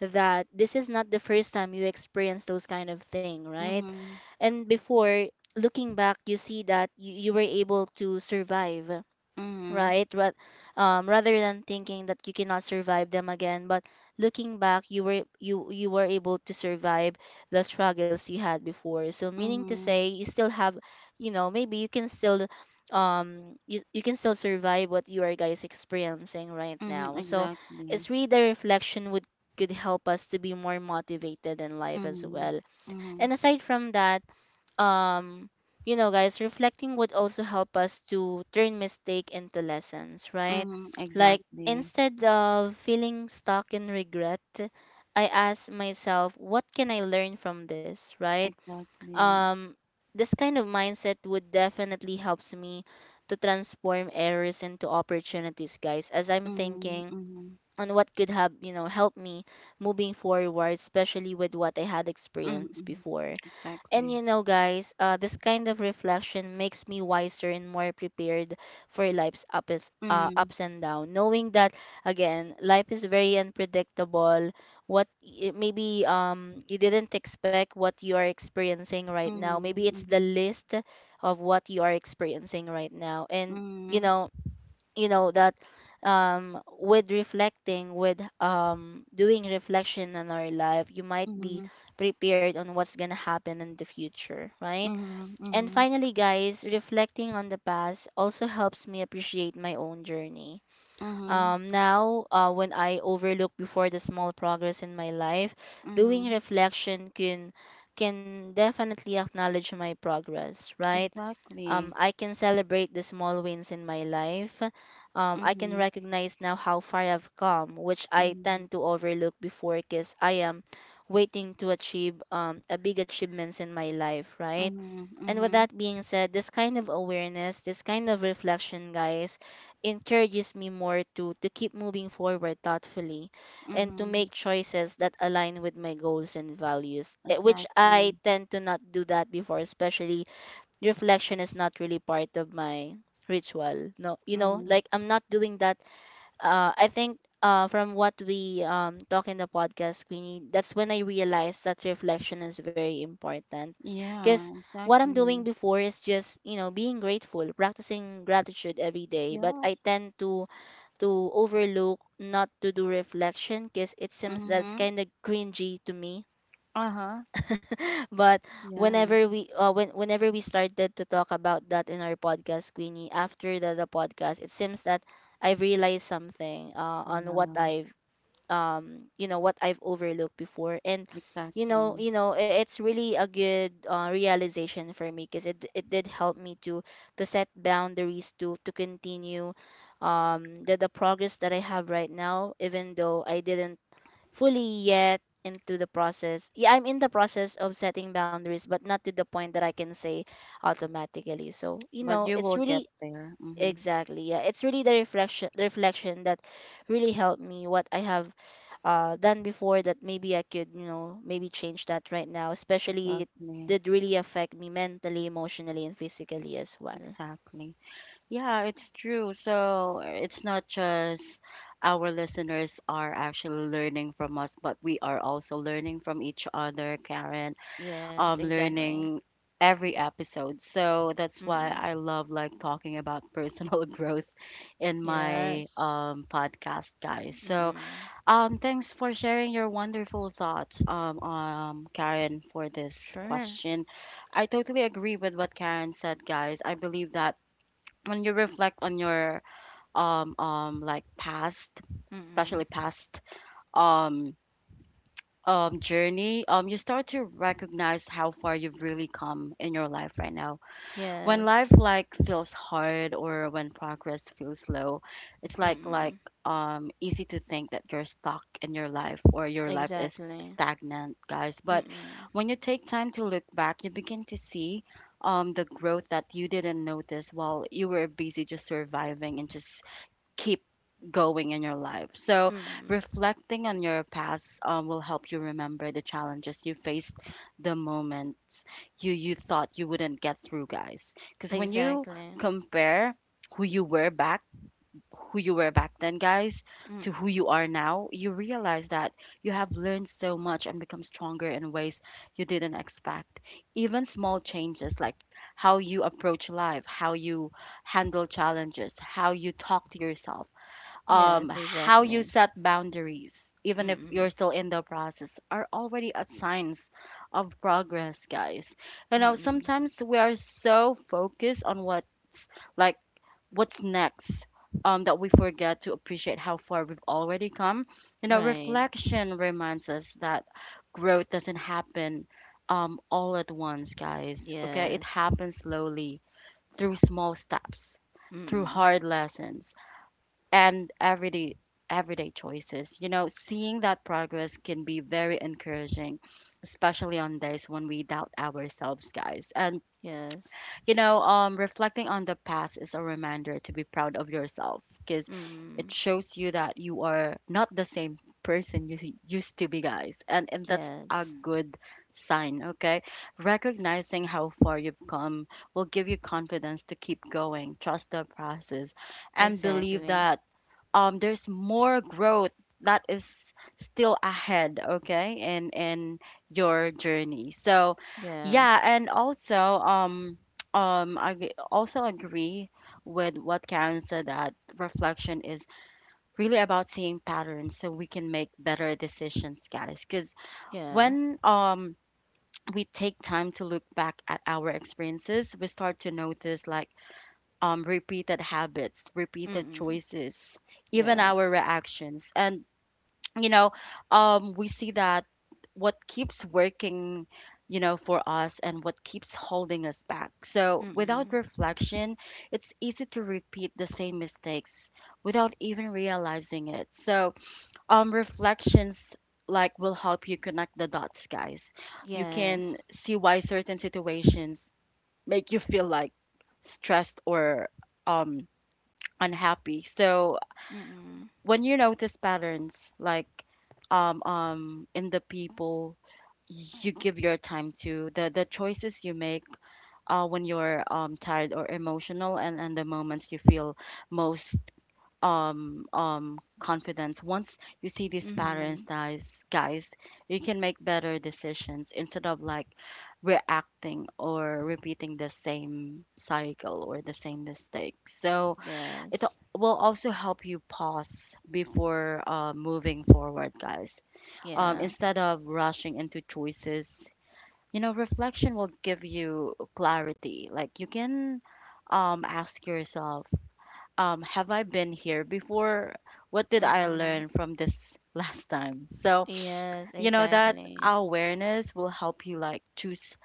that this is not the first time you experience those kind of thing,
Mhm. Mhm. Mhm. Mhm.
right?
Mhm. Mhm.
And before, looking back, you see that you were able to survive, right? Rather than thinking that you cannot survive them again, but looking back, you were able to survive the struggles you had before. So meaning to say,
Mhm.
you still have, you know, maybe you can still, you can still survive what you are guys experiencing right
Mhm.
now. So
Exactly.
it's really the reflection would could help us to be more motivated in life as
Mhm.
well. And
Mhm.
aside from that, um you know, guys, reflecting would also help us to turn mistake into lessons, right?
Mhm.
Like
Exactly.
instead of feeling stuck in regret, I ask myself, what can I learn from this, right?
Exactly.
um this kind of mindset would definitely helps me to transform errors into opportunities, guys, as I'm
Mhm.
thinking
Mhm.
on what could have, you know, help me moving forward, especially with what I had
Mhm.
experienced
Mhm.
before. And you
Exactly.
know, guys, this kind of reflection makes me wiser and more prepared for life's ups, uh,
Mhm.
ups and downs. Knowing that, again, life is very unpredictable. Maybe you didn't expect what you are experiencing right now. Maybe
Mhm.
it's the
Mhm.
list of what you are experiencing right now. And you
Mhm.
know, that with reflecting, with doing reflection on our life, you might be
Mhm,
prepared on what's going to happen in the future, right?
mhm,
And
mhm,
finally, guys, reflecting on the past also helps me appreciate my own journey.
mhm,
Now, when I overlook before the small progress in my life, doing
mhm.
reflection can definitely acknowledge my progress, right?
Exactly.
I can celebrate the small wins in my life. I can
Mhm,
recognize now how far I've come, which I
mhm,
tend to overlook before because I am waiting to achieve, a big achievements in my life, right?
mhm,
And with
mhm,
that being said, this kind of awareness, this kind of reflection, guys, encourages me more to keep moving forward thoughtfully and to
mhm.
make choices that align with my goals and values, eh, which I
Exactly.
tend to not do that before. Especially reflection is not really part of my ritual, no, you know,
Mhm.
like I'm not doing that. I think, from what we talk in the podcast, Queenie, that's when I realized that reflection is very important. Because
Yeah,
what I'm doing
exactly.
before is just, you know, being grateful, practicing gratitude every day, but
Yeah.
I tend to overlook, not to do reflection, because it seems that's
Mhm.
kind of cringy to me.
Uh-huh.
But
Yeah.
whenever we whenever we started to talk about that in our podcast, Queenie, after the podcast, it seems that I have realized something, on what
Um,
I've you know, what I've overlooked before. And you know,
exactly.
it's really a good, realization for me, because it did help me to set boundaries, to continue the progress that I have right now, even though I didn't fully yet into the process. Yeah, I'm in the process of setting boundaries, but not to the point that I can say automatically. So, you
But
know,
you
it's
will get
really
there. Mhm.
exactly, yeah, it's really the reflection that really helped me what I have done before that maybe I could, you know, maybe change that right now, especially it
Exactly.
did really affect me mentally, emotionally, and physically as well.
Exactly. Yeah, it's true. So it's not just our listeners are actually learning from us, but we are also learning from each other, Karen,
Yes, exactly.
learning every episode. So that's why
Mm.
I love like talking about personal growth in
Yes.
my podcast, guys. So
Mm.
thanks for sharing your wonderful thoughts, um, Karen, for this
Sure.
question. I totally agree with what Karen said, guys. I believe that when you reflect on your like past, especially
Mm.
past um journey, you start to recognize how far you've really come in your life right now. When life
Yes.
like feels hard or when progress feels slow, it's like
Mm-mm.
easy to think that you're stuck in your life or your life is
Exactly.
stagnant, guys. But
Mm-mm.
when you take time to look back, you begin to see the growth that you didn't notice while you were busy just surviving and just keep going in your life. So,
Mm-mm.
reflecting on your past will help you remember the challenges you faced, the moments you thought you wouldn't get through, guys. Because when you
Exactly.
compare who you were back, who you were back then, guys, to
Mm.
who you are now, you realize that you have learned so much and become stronger in ways you didn't expect. Even small changes like how you approach life, how you handle challenges, how you talk to yourself,
Yes,
how you
exactly.
set boundaries, even if you're
Mm-mm.
still in the process, are already a signs of progress, guys. You know,
Mm-mm.
sometimes we are so focused on like what's next. That we forget to appreciate how far we've already come. You know,
Right.
reflection reminds us that growth doesn't happen all at once, guys. Okay, it
Yes.
happens slowly through small steps, through
Mm-mm.
hard lessons and everyday choices. You know, seeing that progress can be very encouraging, especially on days when we doubt ourselves, guys. And
Yes.
you know, reflecting on the past is a reminder to be proud of yourself because it
Mm-mm.
shows you that you are not the same person used to be, guys. And that's a
Yes.
good sign, okay? Recognizing how far you've come will give you confidence to keep going, trust the process, and believe
Exactly.
that, there's more growth that is still ahead, okay, in your journey. So
Yeah.
yeah, and also I g- also agree with what Karen said, that reflection is really about seeing patterns so we can make better decisions, guys. Because
Yeah.
when we take time to look back at our experiences, we start to notice like, repeated habits, repeated
Mm-mm.
choices, even
Yes.
our reactions. And, you know, we see that what keeps working, you know, for us and what keeps holding us back. So without
Mm-mm.
reflection, it's easy to repeat the same mistakes without even realizing it. So, reflections like will help you connect the dots, guys. You can
Yes.
see why certain situations make you feel like stressed or um unhappy. So
Mm-mm.
when you notice patterns like in the people you give your time to, the choices you make when you're tired or emotional, and the moments you feel most confident. Once you see these
Mm-hmm.
patterns, guys, you can make better decisions instead of like reacting or repeating the same cycle or the same mistake. So it
Yes.
will also help you pause before, moving forward, guys.
Yeah.
Instead of rushing into choices, you know, reflection will give you clarity. Like you can, ask yourself, have I been here before? What did I
Mm-mm.
learn from this last time? So,
Yes,
you know, that
exactly.
awareness will help you like choose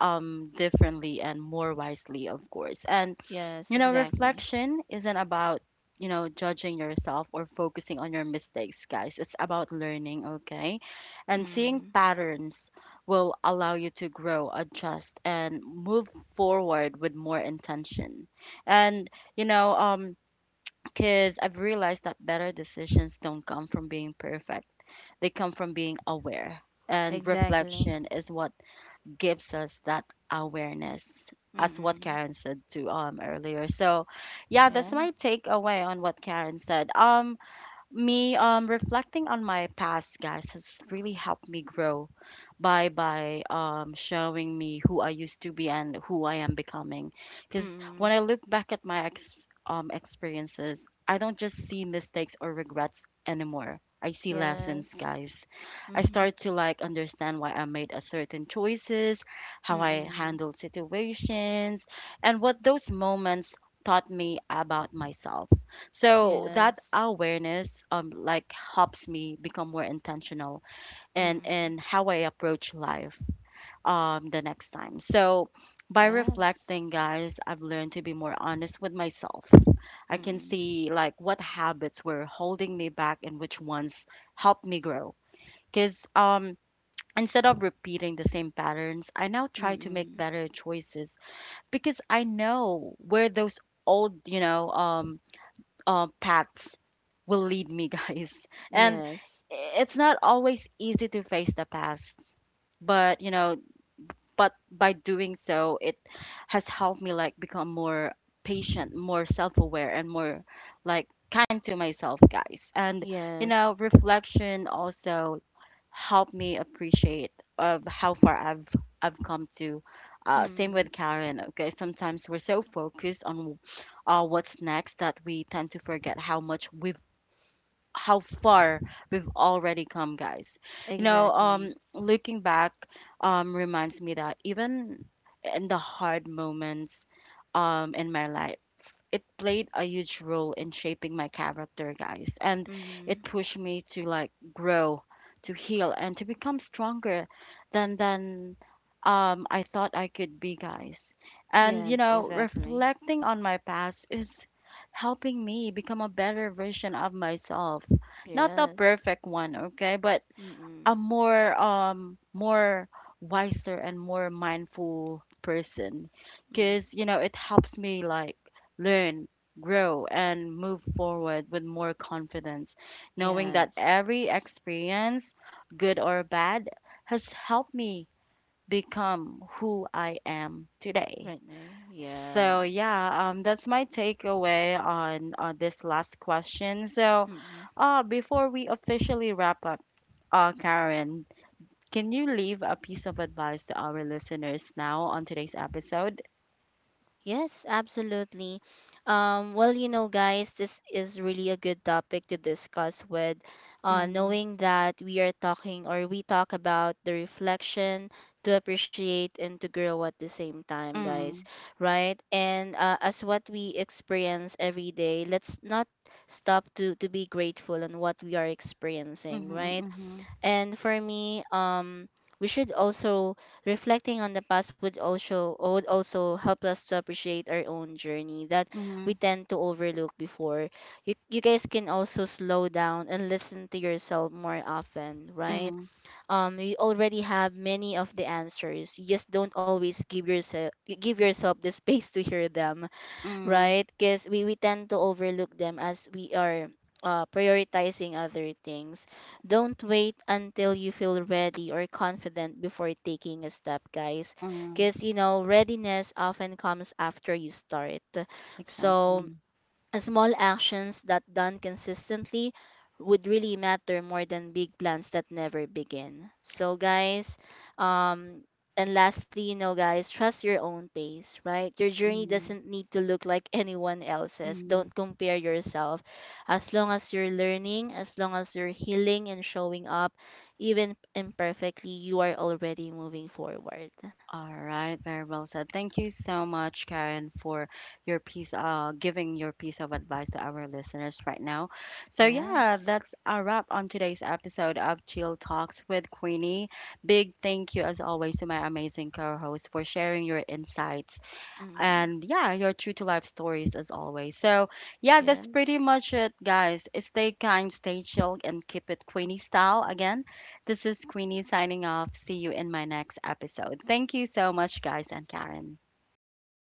differently and more wisely, of course. And
Yes,
you know,
exactly.
reflection isn't about, you know, judging yourself or focusing on your mistakes, guys. It's about learning, okay, and seeing
Mm.
patterns will allow you to grow, adjust, and move forward with more intention. And you know, because I've realized that better decisions don't come from being perfect, they come from being aware, and
Exactly.
reflection is what gives us that awareness, as what
Mm-mm.
Karen said to earlier. So yeah, that's
Yeah.
my takeaway on what Karen said. Me reflecting on my past, guys, has really helped me grow by showing me who I used to be and who I am becoming. Cuz when I
Mm-mm.
look back at my experiences, I don't just see mistakes or regrets anymore. I see lessons,
Yes.
guys. I
Mm-hmm.
start to like understand why I made a certain choices, how I
Mm-mm.
handled situations, and what those moments taught me about myself. So that
Yes.
awareness, like, helps me become more intentional and in
Mm-mm.
in how I approach life the next time. So by
Yes.
reflecting, guys, I've learned to be more honest with myself. I can
Mm-mm.
see like what habits were holding me back and which ones helped me grow. Because instead of repeating the same patterns, I now try to make
Mm-mm.
better choices because I know where those old, you know, paths will lead me, guys. And
Yes.
it's not always easy to face the past, but you know, but by doing so, it has helped me like become more patient, more self-aware, and more like kind to myself, guys. And you
Yes.
know, reflection also helped me appreciate of how far I've come to. Same
Mm.
with Karen. Okay, sometimes we're so focused on, what's next that we tend to forget how far we've already come, guys. You know,
Exactly.
looking back, reminds me that even in the hard moments, in my life, it played a huge role in shaping my character, guys. And it
Mm.
pushed me to like grow, to heal, and to become stronger than I thought I could be, guys. And you
Yes,
know,
exactly.
reflecting on my past is helping me become a better version of myself. Not a
Yes.
perfect one, okay, but a
Mm-mm.
more wiser and more mindful person,
Mm.
because you know, it helps me like learn, grow, and move forward with more confidence, knowing that
Yes.
every experience, good or bad, has helped me become who I am today.
Right now. Yeah.
So yeah, that's my takeaway on, this last question. So,
Mm-mm.
before we officially wrap up, Karen, can you leave a piece of advice to our listeners now on today's episode?
Yes, absolutely. Well, you know, guys, this is really a good topic to discuss with,
Mm,
knowing that we are talking, or we talk about the reflection to appreciate and to grow at the same time, guys,
mm,
right? And as what we experience every day, let's not stop to be grateful on what we are experiencing,
mm-hmm,
right?
mm-hmm,
And for me, we should also reflecting on the past would also help us to appreciate our own journey that we
mm-hmm,
tend to overlook before. You guys can also slow down and listen to yourself more often, right?
mm-hmm,
You already have many of the answers. You just don't always give yourself the space to hear them,
mm-hmm,
right? Because we tend to overlook them as we are prioritizing other things. Don't wait until you feel ready or confident before taking a step, guys.
mm-hmm.
Because, you know, readiness often comes after you start. So,
Exactly.
small actions that done consistently would really matter more than big plans that never begin. So guys, um and lastly, you know, guys, trust your own pace, right? Your journey
Mm,
doesn't need to look like anyone else's. Don't
mm.
compare yourself. As long as you're learning, as long as you're healing and showing up even imperfectly, you are already moving forward.
All right, very well said. Thank you so much, Karen, for your piece, giving your piece of advice to our listeners right now. So yeah,
Yes.
that's a wrap on today's episode of Chill Talks with Queenie. Big thank you, as always, to my amazing co-host for sharing your insights
Mm.
and yeah, your true to life stories as always. So yeah, that's pretty
Yes.
much it, guys. Stay kind, stay chill, and keep it Queenie style. Again, this is Queenie signing off. See you in my next episode. Thank you so much, guys, and Karen.
Bye.